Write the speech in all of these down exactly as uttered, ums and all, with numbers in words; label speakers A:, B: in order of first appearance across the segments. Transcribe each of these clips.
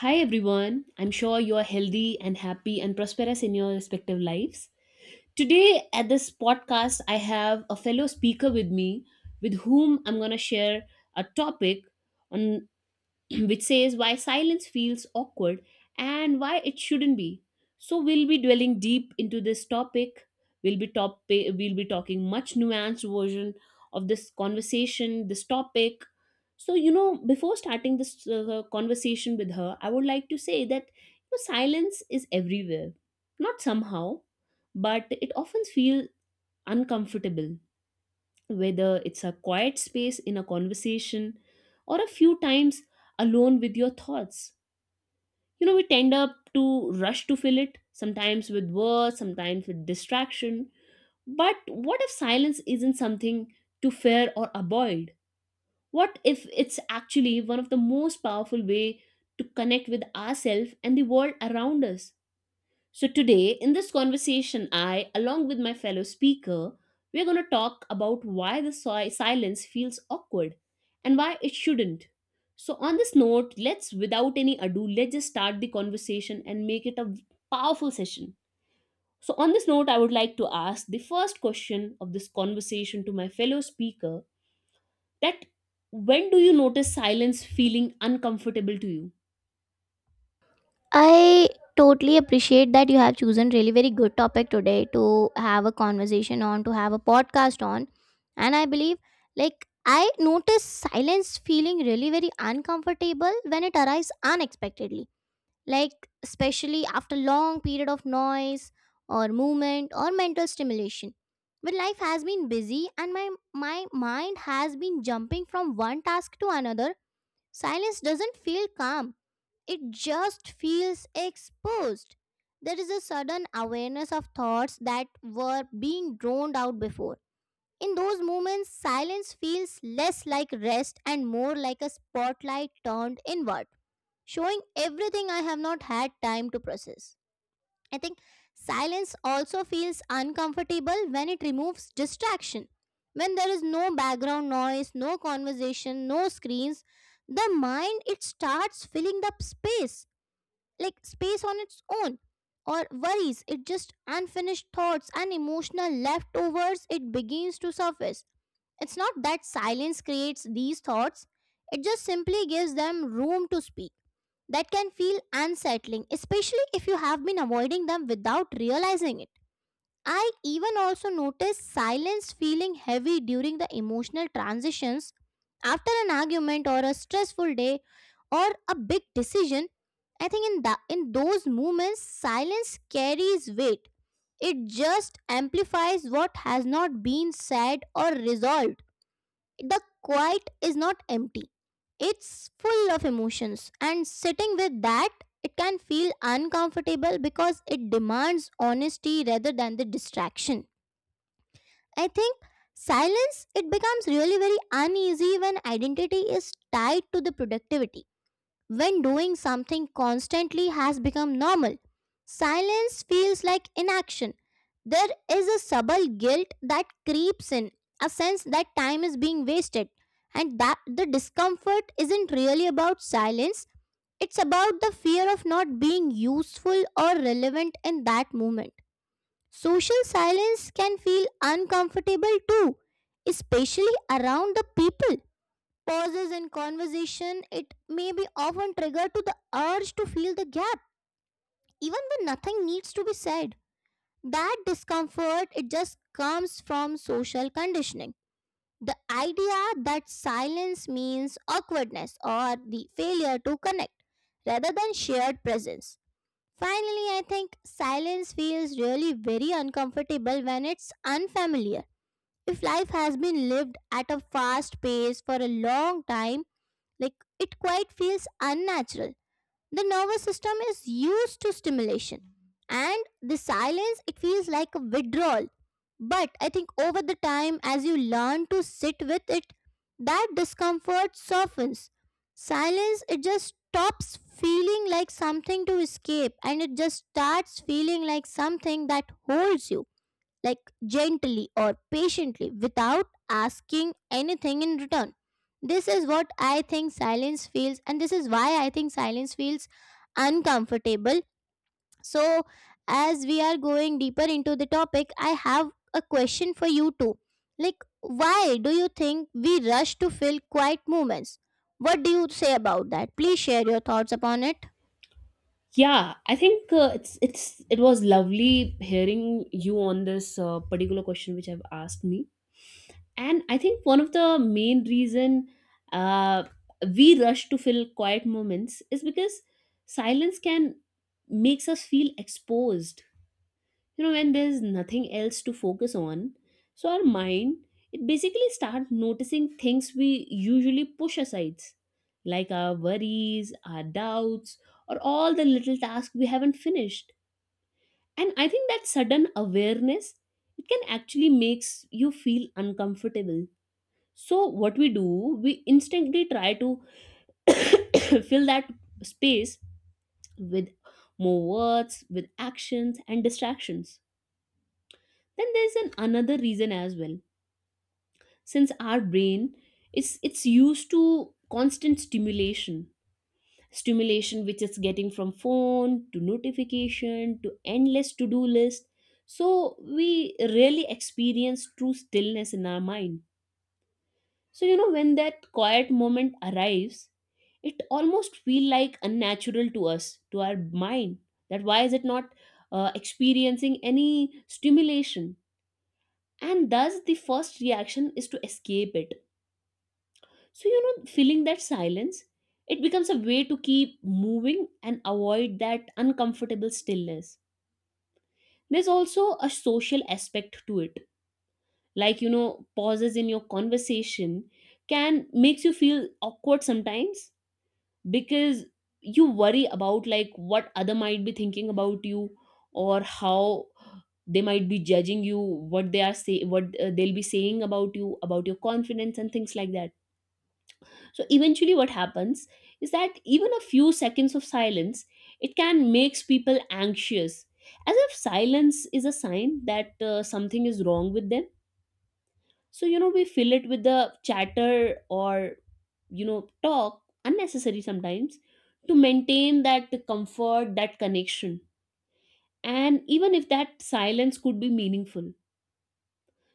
A: Hi everyone, I'm sure you are healthy and happy and prosperous in your respective lives. Today, at this podcast, I have a fellow speaker with me with whom I'm going to share a topic on which says why silence feels awkward and why it shouldn't be. So we'll be dwelling deep into this topic. We'll be top we'll be talking much nuanced version of this conversation, this topic. So you know, before starting this uh, conversation with her, I would like to say that you know, silence is everywhere. Not somehow, but it often feels uncomfortable whether it's a quiet space in a conversation or a few times alone with your thoughts. You know, we tend up to rush to fill it, sometimes with words, sometimes with distraction. But what if silence isn't something to fear or avoid? What if it's actually one of the most powerful way to connect with ourselves and the world around us? So, today in this conversation, I, along with my fellow speaker, we're going to talk about why the si- silence feels awkward and why it shouldn't. So, on this note, let's, without any ado, let's just start the conversation and make it a powerful session. So, on this note, I would like to ask the first question of this conversation to my fellow speaker that when do you notice silence feeling uncomfortable to you?
B: I totally appreciate that you have chosen really very good topic today to have a conversation on, to have a podcast on. And I believe like I notice silence feeling really very uncomfortable when it arrives unexpectedly. Like especially after long period of noise or movement or mental stimulation. When life has been busy and my my mind has been jumping from one task to another, silence doesn't feel calm, it just feels exposed. There is a sudden awareness of thoughts that were being drowned out before. In those moments, silence feels less like rest and more like a spotlight turned inward, showing everything I have not had time to process. I think silence also feels uncomfortable when it removes distraction. When there is no background noise, no conversation, no screens, the mind it starts filling the space, like space on its own, or worries, it just unfinished thoughts and emotional leftovers it begins to surface. It's not that silence creates these thoughts, it just simply gives them room to speak. That can feel unsettling, especially if you have been avoiding them without realizing it. I even also noticed silence feeling heavy during the emotional transitions, after an argument or a stressful day or a big decision. I think in that in those moments silence carries weight. It just amplifies what has not been said or resolved. The quiet is not empty, it's full of emotions, and sitting with that, it can feel uncomfortable because it demands honesty rather than the distraction. I think silence it becomes really very uneasy when identity is tied to the productivity, when doing something constantly has become normal. Silence feels like inaction. There is a subtle guilt that creeps in, a sense that time is being wasted, and that the discomfort isn't really about silence, it's about the fear of not being useful or relevant in that moment. Social silence can feel uncomfortable too, especially around the people. Pauses in conversation, it may be often triggered to the urge to fill the gap, even when nothing needs to be said. That discomfort, it just comes from social conditioning. The idea that silence means awkwardness or the failure to connect rather than shared presence. Finally, I think silence feels really very uncomfortable when it's unfamiliar. If life has been lived at a fast pace for a long time, like it quite feels unnatural. The nervous system is used to stimulation, and the silence it feels like a withdrawal. But I think over the time, as you learn to sit with it, that discomfort softens. Silence it just stops feeling like something to escape, and it just starts feeling like something that holds you, like gently or patiently, without asking anything in return. This is what I think silence feels, and this is why I think silence feels uncomfortable. So, as we are going deeper into the topic, I have a question for you too. Like, why do you think we rush to fill quiet moments? What do you say about that? Please share your thoughts upon it.
A: Yeah, I think uh, it's it's it was lovely hearing you on this uh, particular question which I've asked me, and I think one of the main reason uh, we rush to fill quiet moments is because silence can makes us feel exposed. You know, when there's nothing else to focus on, so our mind, it basically starts noticing things we usually push aside, like our worries, our doubts, or all the little tasks we haven't finished. And I think that sudden awareness, it can actually makes you feel uncomfortable. So what we do, we instantly try to fill that space with more words, with actions and distractions. Then there's an another reason as well, since our brain is it's used to constant stimulation, stimulation which it's getting from phone to notification to endless to-do list. So we rarely experience true stillness in our mind. So you know, when that quiet moment arrives, it almost feel like unnatural to us, to our mind, that why is it not uh, experiencing any stimulation, and thus the first reaction is to escape it. So you know, feeling that silence, it becomes a way to keep moving and avoid that uncomfortable stillness. There's also a social aspect to it. Like you know, pauses in your conversation can makes you feel awkward sometimes, because you worry about like what other might be thinking about you, or how they might be judging you, what they are say, what uh, they'll be saying about you, about your confidence and things like that. So eventually, what happens is that even a few seconds of silence, it can makes people anxious, as if silence is a sign that uh, something is wrong with them. So you know, we fill it with the chatter, or you know, talk unnecessary sometimes to maintain that comfort, that connection, and even if that silence could be meaningful.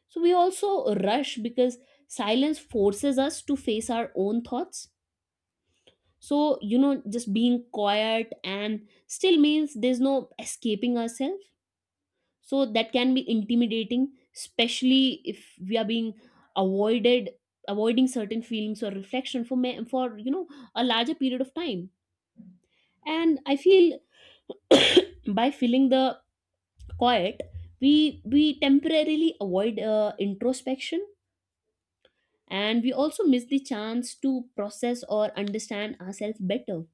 A: So we also rush because silence forces us to face our own thoughts. So you know, just being quiet and still means there's no escaping ourselves, so that can be intimidating, especially if we are being avoided avoiding certain feelings or reflection for me, for you know, a larger period of time. And I feel by filling the quiet, we we temporarily avoid uh, introspection, and we also miss the chance to process or understand ourselves better.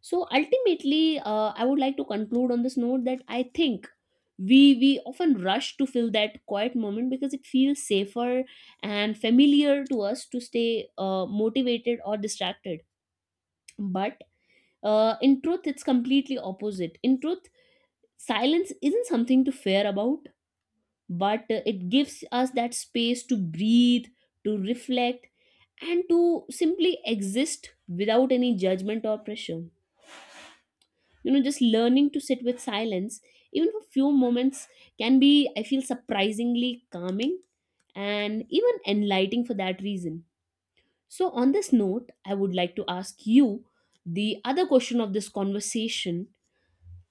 A: So ultimately, uh, I would like to conclude on this note that I think we we often rush to fill that quiet moment because it feels safer and familiar to us, to stay uh, motivated or distracted. But uh, in truth, it's completely opposite. In truth, silence isn't something to fear about, but uh, it gives us that space to breathe, to reflect, and to simply exist without any judgment or pressure. You know, just learning to sit with silence, even for few moments, can be, I feel, surprisingly calming and even enlightening for that reason. So on this note, I would like to ask you the other question of this conversation,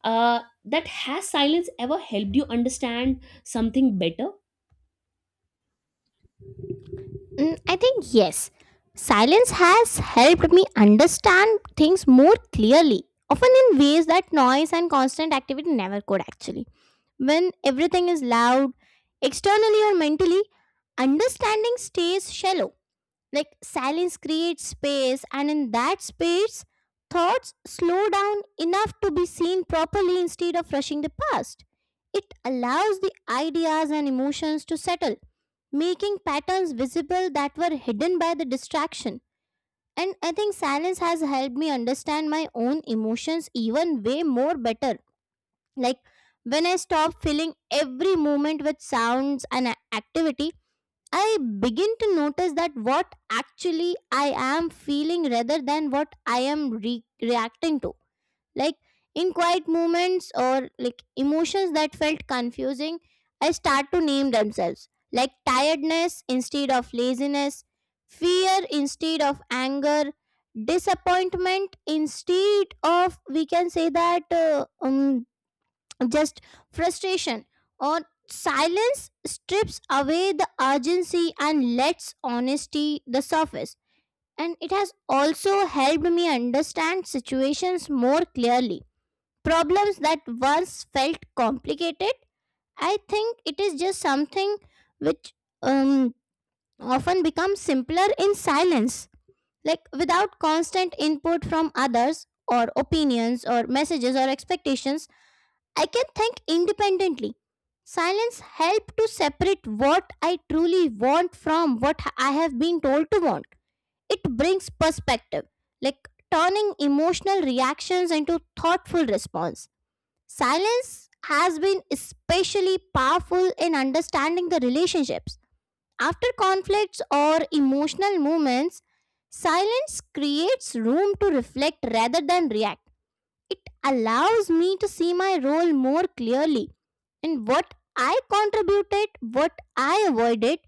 A: uh, that has silence ever helped you understand something better.
B: Mm, I think yes. Silence has helped me understand things more clearly, often in ways that noise and constant activity never could actually. When everything is loud, externally or mentally, understanding stays shallow. Like silence creates space, and in that space, thoughts slow down enough to be seen properly instead of rushing the past. It allows the ideas and emotions to settle, making patterns visible that were hidden by the distraction. And I think silence has helped me understand my own emotions even way more better. Like when I stop filling every moment with sounds and a- activity, I begin to notice that what actually I am feeling rather than what I am re- reacting to. Like in quiet moments or like emotions that felt confusing, I start to name themselves. Like tiredness instead of laziness, fear instead of anger, disappointment instead of, we can say that, uh, um, just frustration. Or silence strips away the urgency and lets honesty the surface, and it has also helped me understand situations more clearly. Problems that once felt complicated, I think it is just something which, um, often becomes simpler in silence, like without constant input from others or opinions or messages or expectations. I can think independently. Silence help to separate what I truly want from what I have been told to want. It brings perspective, like turning emotional reactions into thoughtful response. Silence has been especially powerful in understanding the relationships. After conflicts or emotional moments, silence creates room to reflect rather than react. It allows me to see my role more clearly, in what I contributed, what I avoided,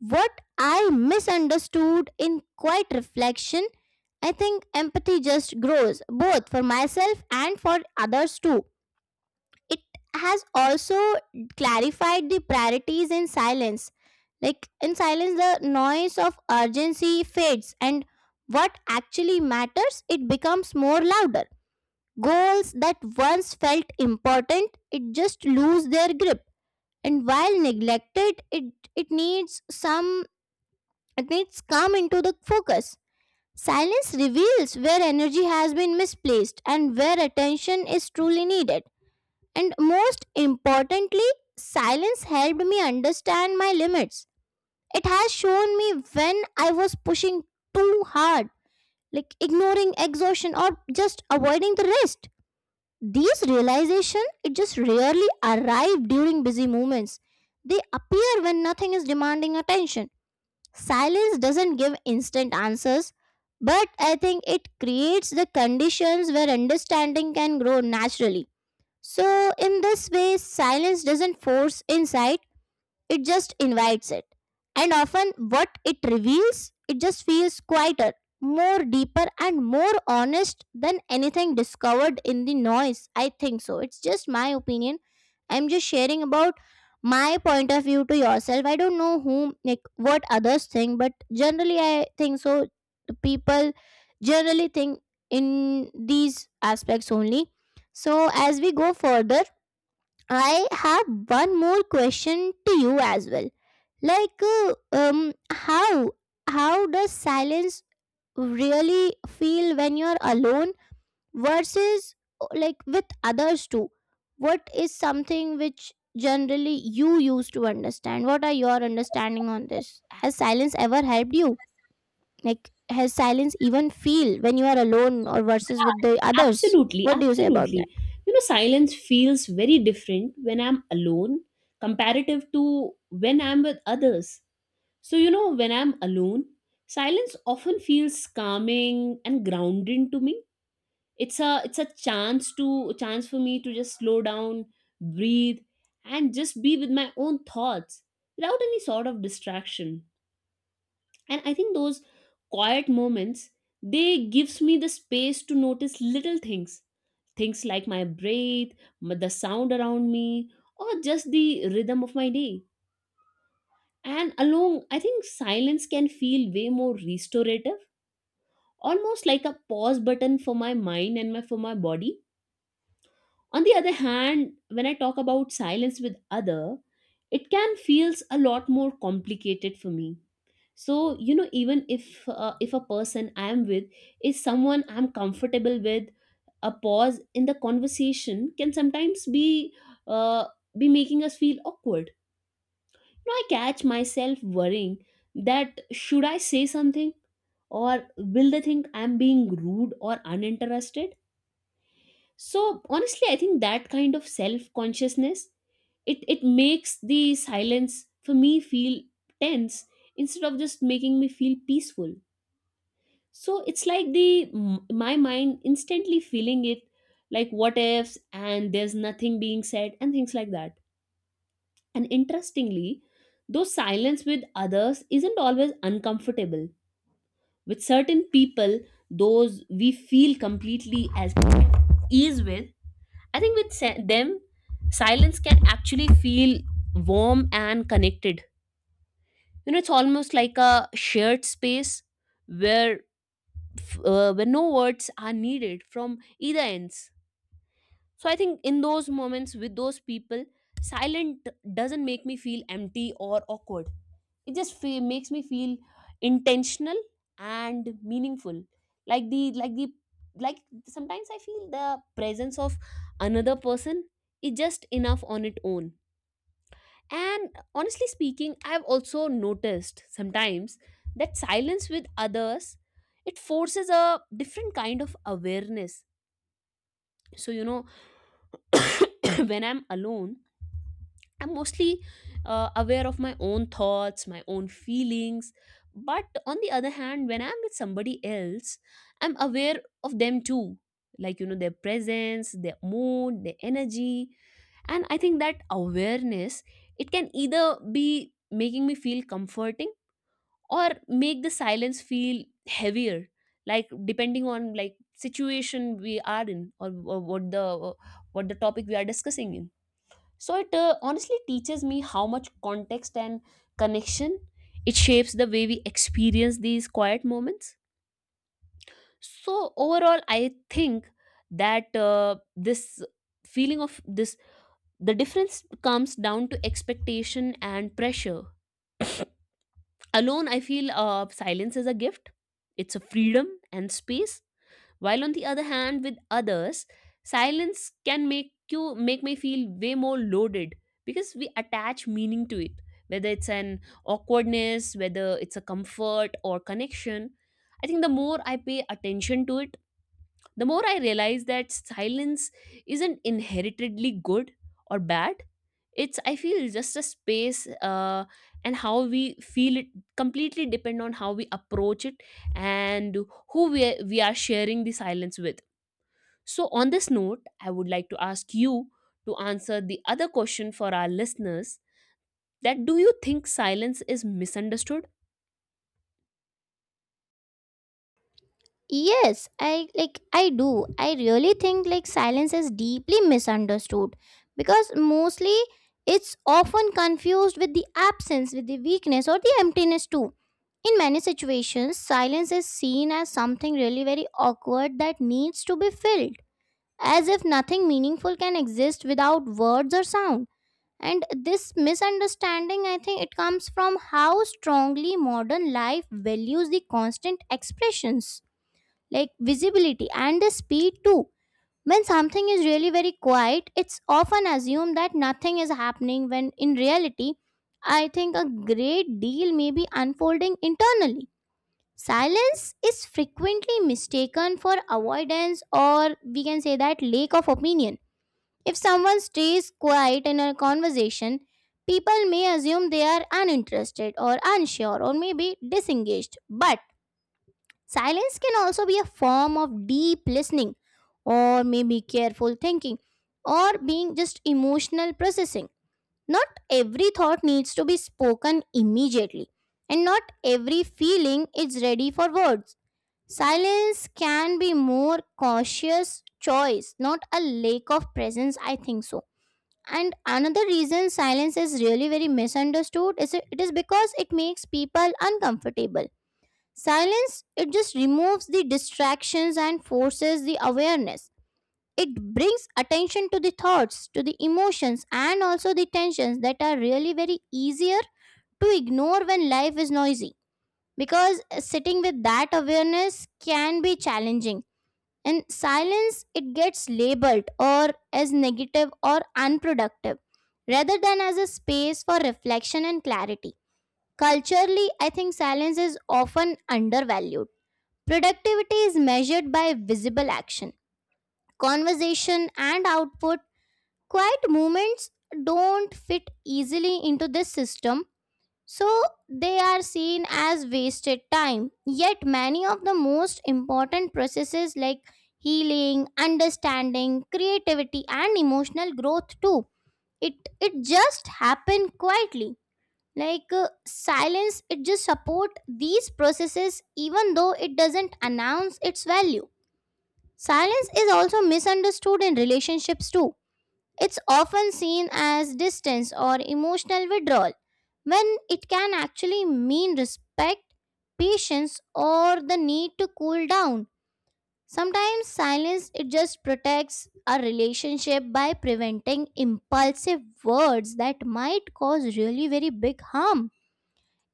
B: what I misunderstood in quiet reflection. I think empathy just grows, both for myself and for others too. It has also clarified the priorities in silence. Like in silence the noise of urgency fades, and what actually matters it becomes more louder. Goals that once felt important it just lose their grip, and while neglected it it needs some, it needs come into the focus. Silence reveals where energy has been misplaced and where attention is truly needed. And most importantly, silence helped me understand my limits. It has shown me when I was pushing too hard, like ignoring exhaustion or just avoiding the rest. These realization it just rarely arrive during busy moments. They appear when nothing is demanding attention. Silence doesn't give instant answers, but I think it creates the conditions where understanding can grow naturally. So, in this way, silence doesn't force insight, it just invites it. And often, what it reveals, it just feels quieter, more deeper, and more honest than anything discovered in the noise. I think so. It's just my opinion. I'm just sharing about my point of view to yourself. I don't know whom, like, what others think, but generally, I think so. The people generally think in these aspects only. So, as we go further, I have one more question to you as well. Like, uh, um, how how does silence really feel when you're alone versus uh, like with others too? What is something which generally you used to understand? What are your understanding on this? Has silence ever helped you? Like, has silence even feel when you are alone or versus with the others?
A: Absolutely,
B: What do you say about this?
A: absolutely. You know, silence feels very different when I'm alone comparative to when I'm with others. So, you know, when I'm alone, silence often feels calming and grounding to me. It's a it's a chance to chance for me to just slow down, breathe, and just be with my own thoughts without any sort of distraction. And I think those quiet moments, they gives me the space to notice little things. Things like my breath, m- the sound around me, or just the rhythm of my day. And along, I think silence can feel way more restorative, almost like a pause button for my mind and my, for my body. On the other hand, when I talk about silence with other, it can feels a lot more complicated for me. So you know, even if uh, if a person I am with is someone I'm comfortable with, a pause in the conversation can sometimes be uh, be making us feel awkward. Now I catch myself worrying that should I say something, or will they think I'm being rude or uninterested. So honestly, I think that kind of self consciousness, it it makes the silence for me feel tense, instead of just making me feel peaceful. So it's like the m- my mind instantly feeling it, like what ifs and there's nothing being said and things like that. And interestingly, though silence with others isn't always uncomfortable, with certain people, those we feel completely as ease with, I think with se- them, silence can actually feel warm and connected. You know, it's almost like a shared space where f- uh, when no words are needed from either ends. So I think in those moments with those people, silent doesn't make me feel empty or awkward. It just fe- makes me feel intentional and meaningful. Like the like the like sometimes I feel the presence of another person is just enough on its own. And honestly speaking, I've also noticed sometimes that silence with others, it forces a different kind of awareness. So you know, when I'm alone, I'm mostly uh, aware of my own thoughts, my own feelings. But on the other hand, when I'm with somebody else, I'm aware of them too. Like, you know, their presence, their mood, their energy. And I think that awareness, it can either be making me feel comforting or make the silence feel heavier, like depending on like situation we are in, or, or what the what the topic we are discussing in. So it uh, honestly teaches me how much context and connection, it shapes the way we experience these quiet moments. So overall, I think that uh, this feeling of this, the difference comes down to expectation and pressure. Alone, I feel, uh, silence is a gift. It's a freedom and space, while on the other hand, with others, silence can make you make me feel way more loaded, because we attach meaning to it, whether it's an awkwardness, whether it's a comfort or connection. I think the more I pay attention to it, the more I realize that silence isn't inheritedly good or bad. It's, I feel, just a space, uh, and how we feel it completely depend on how we approach it, and who we are, we are sharing the silence with. So on this note, I would like to ask you to answer the other question for our listeners, that do you think silence is misunderstood?
B: Yes, I like I do. I really think like silence is deeply misunderstood because mostly it's often confused with the absence, with the weakness or the emptiness too. In many situations, silence is seen as something really very awkward that needs to be filled, as if nothing meaningful can exist without words or sound. And this misunderstanding, I think it comes from how strongly modern life values the constant expressions, like visibility and the speed too. When something is really very quiet, it's often assumed that nothing is happening, when in reality, I think a great deal may be unfolding internally. Silence is frequently mistaken for avoidance, or we can say that lack of opinion. If someone stays quiet in a conversation, people may assume they are uninterested or unsure or maybe disengaged. But silence can also be a form of deep listening, or maybe careful thinking, or being just emotional processing. Not every thought needs to be spoken immediately, and not every feeling is ready for words. Silence can be more cautious choice, not a lack of presence, I think so. And another reason silence is really very misunderstood is it it is because it makes people uncomfortable. Silence, it just removes the distractions and forces the awareness. It brings attention to the thoughts, to the emotions, and also the tensions that are really very easier to ignore when life is noisy. Because sitting with that awareness can be challenging. And silence, it gets labeled or as negative or unproductive rather than as a space for reflection and clarity. Culturally, I think silence is often undervalued. Productivity is measured by visible action, conversation, and output. Quiet movements don't fit easily into this system, so they are seen as wasted time. Yet, many of the most important processes, like healing, understanding, creativity, and emotional growth too. It it just happen quietly. Like uh, silence, it just support these processes even though it doesn't announce its value. Silence is also misunderstood in relationships too. It's often seen as distance or emotional withdrawal, when it can actually mean respect, patience, or the need to cool down. Sometimes silence it just protects a relationship by preventing impulsive words that might cause really very big harm.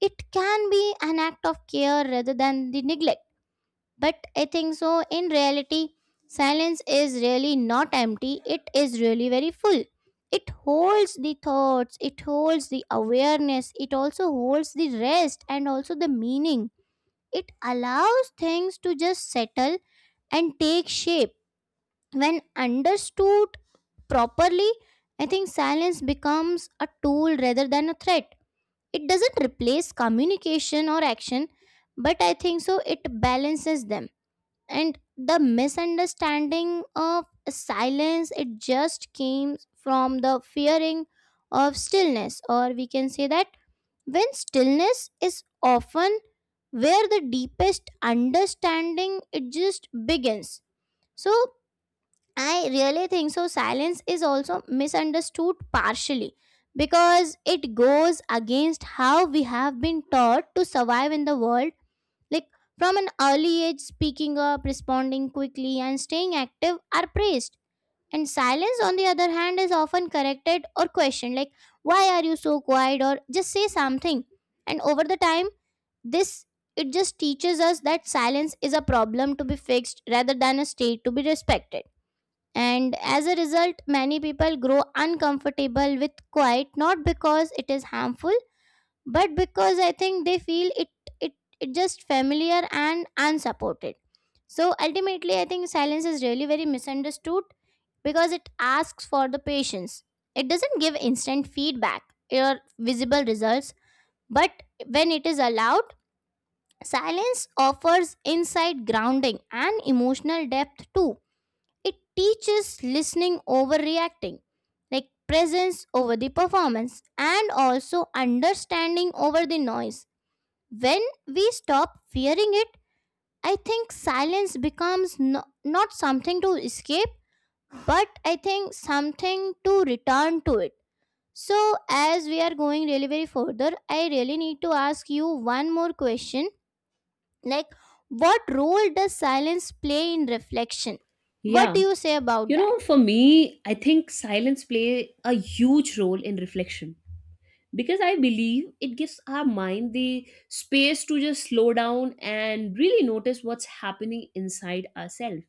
B: It can be an act of care rather than the neglect. But I think so, in reality, silence is really not empty, it is really very full. It holds the thoughts, it holds the awareness, it also holds the rest and also the meaning. It allows things to just settle and take shape. When understood properly, I think silence becomes a tool rather than a threat. It doesn't replace communication or action, but I think so, it balances them. And the misunderstanding of silence it just came from the fearing of stillness, or we can say that when stillness is often where the deepest understanding it just begins. So I really think so silence is also misunderstood partially because it goes against how we have been taught to survive in the world, like from an early age, speaking up, responding quickly, and staying active are praised. And silence, on the other hand, is often corrected or questioned, like, why are you so quiet, or just say something. And over the time, this it just teaches us that silence is a problem to be fixed rather than a state to be respected. And as a result, many people grow uncomfortable with quiet not because it is harmful but because I think they feel it it it just familiar and unsupported. So ultimately I think silence is really very misunderstood because it asks for the patience. It doesn't give instant feedback or visible results, but when it is allowed, silence offers inside grounding and emotional depth too. It teaches listening over reacting, like presence over the performance and also understanding over the noise. When we stop fearing it, I think silence becomes no, not something to escape, but I think something to return to it. So, as we are going really very further, I really need to ask you one more question. Like, what role does silence play in reflection? What
A: Yeah,
B: do you say about
A: you
B: that?
A: know, for me I think silence play a huge role in reflection, because I believe it gives our mind the space to just slow down and really notice what's happening inside ourselves.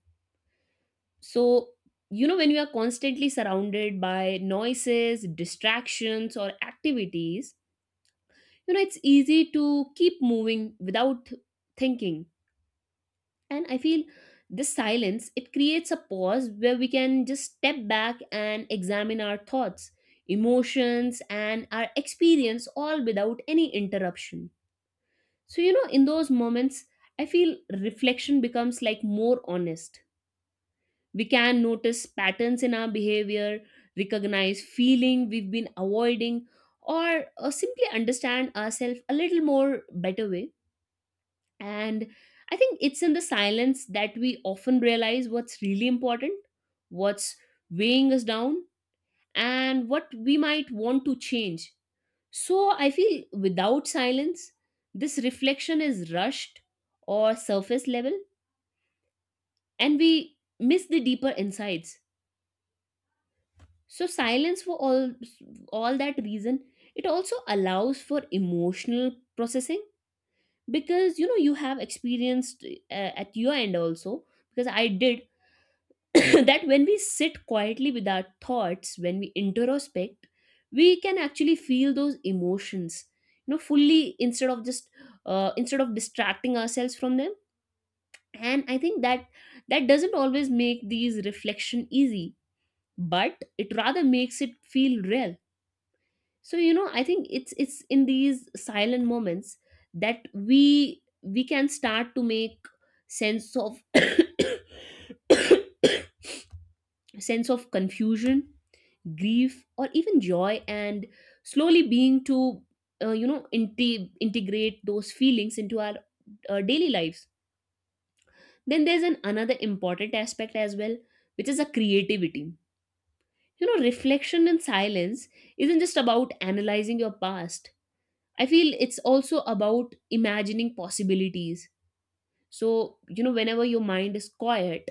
A: So you know, when you are constantly surrounded by noises, distractions or activities, you know, it's easy to keep moving without thinking. And I feel this silence, it creates a pause where we can just step back and examine our thoughts, emotions and our experience, all without any interruption. So, you know, in those moments, I feel reflection becomes like more honest. We can notice patterns in our behavior, recognize feeling we've been avoiding, or uh, simply understand ourselves a little more better way. And I think it's in the silence that we often realize what's really important, what's weighing us down, and what we might want to change. So I feel without silence, this reflection is rushed or surface level, and we miss the deeper insights. So silence, for all all that reason, it also allows for emotional processing, because you know, you have experienced uh, at your end also, because I did that when we sit quietly with our thoughts, when we introspect, we can actually feel those emotions, you know, fully, instead of just uh, instead of distracting ourselves from them. And I think that that doesn't always make these reflection easy, but it rather makes it feel real. So you know, I think it's it's in these silent moments that we we can start to make sense of sense of confusion, grief or even joy, and slowly being to uh, you know, inte- integrate those feelings into our uh, daily lives. Then there's an another important aspect as well, which is a creativity. You know, reflection in silence isn't just about analyzing your past. I feel it's also about imagining possibilities. So you know, whenever your mind is quiet,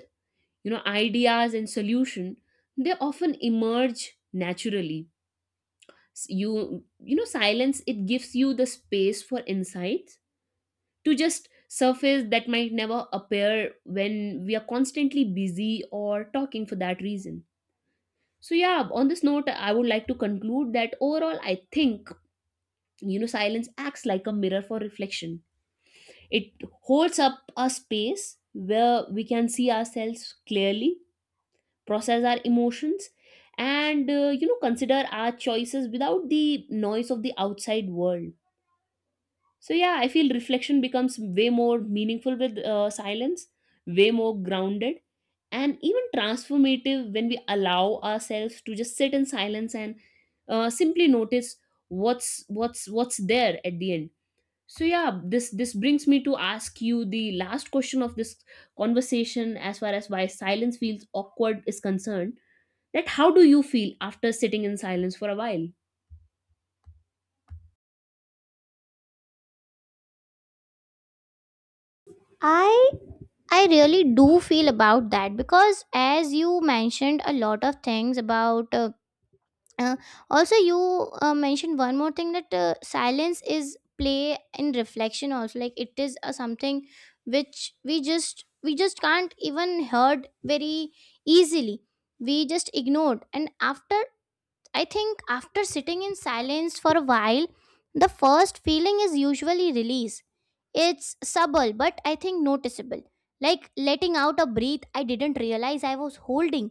A: you know, ideas and solution, they often emerge naturally. You you know, silence, it gives you the space for insights to just surface that might never appear when we are constantly busy or talking for that reason. So yeah, on this note, I would like to conclude that overall, I think, you know, silence acts like a mirror for reflection. It holds up a space where we can see ourselves clearly, process our emotions, and uh, you know, consider our choices without the noise of the outside world. So yeah, I feel reflection becomes way more meaningful with uh, silence, way more grounded, and even transformative when we allow ourselves to just sit in silence and uh, simply notice what's what's what's there at the end. So yeah, this this brings me to ask you the last question of this conversation, as far as why silence feels awkward is concerned. That how do you feel after sitting in silence for a while?
B: I I really do feel about that because, as you mentioned, a lot of things about uh, uh, also you uh, mentioned one more thing that uh, silence is play in reflection also, like it is uh, something which we just we just can't even heard very easily, we just ignored. And after, I think after sitting in silence for a while, the first feeling is usually release. It's subtle, but I think noticeable. Like letting out a breath I didn't realize I was holding.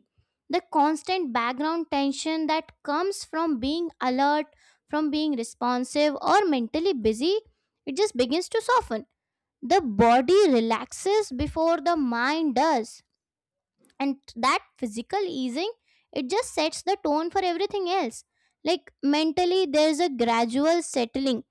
B: The constant background tension that comes from being alert, from being responsive, or mentally busy, it just begins to soften. The body relaxes before the mind does. And that physical easing, it just sets the tone for everything else. Like mentally, there's a gradual settling,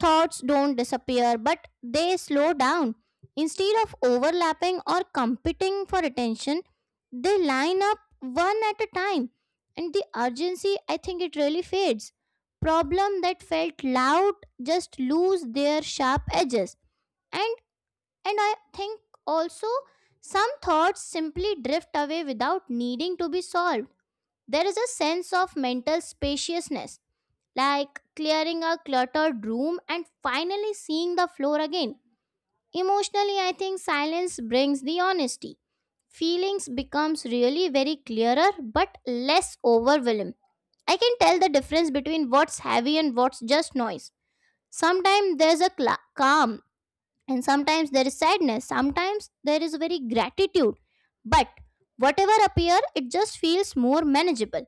B: thoughts don't disappear, but they slow down. Instead of overlapping or competing for attention, they line up one at a time. And the urgency, I think it really fades. Problem that felt loud just lose their sharp edges. And and I think also some thoughts simply drift away without needing to be solved. There is a sense of mental spaciousness, like clearing a cluttered room and finally seeing the floor again. Emotionally, I think silence brings the honesty. Feelings becomes really very clearer but less overwhelming. I can tell the difference between what's heavy and what's just noise. Sometimes there's a cla calm, and sometimes there is sadness. Sometimes there is very gratitude. But whatever appear, it just feels more manageable.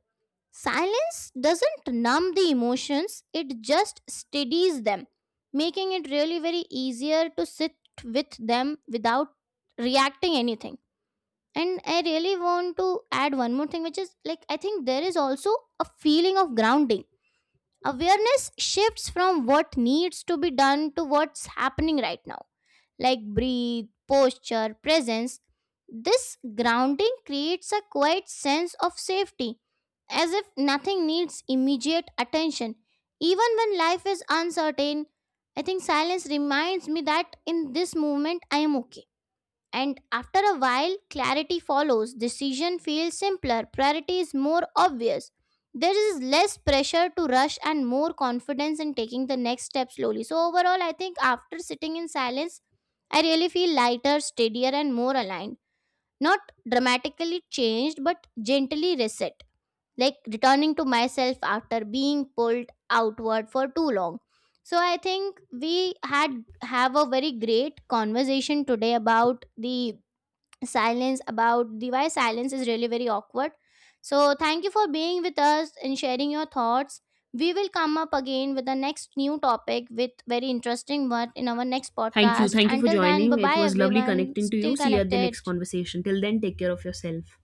B: Silence doesn't numb the emotions, it just steadies them, making it really very easier to sit with them without reacting anything. And I really want to add one more thing, which is like I think there is also a feeling of grounding. Awareness shifts from what needs to be done to what's happening right now, like breathe, posture, presence. This grounding creates a quiet sense of safety, as if nothing needs immediate attention. Even when life is uncertain, I think silence reminds me that in this moment I am okay. And after a while, clarity follows. Decision feels simpler, priority is more obvious. There is less pressure to rush and more confidence in taking the next step slowly. So, overall, I think after sitting in silence, I really feel lighter, steadier, and more aligned. Not dramatically changed, but gently reset. Like returning to myself after being pulled outward for too long. So I think we had have a very great conversation today about the silence, about the why silence is really very awkward. So thank you for being with us and sharing your thoughts. We will come up again with the next new topic with very interesting one in our next
A: Thank you.
B: podcast.
A: Thank you for
B: Until then, bye
A: joining. It
B: bye
A: was lovely
B: everyone.
A: connecting to you.
B: Still
A: See you at the
B: connected.
A: next conversation. Till then, take care of yourself.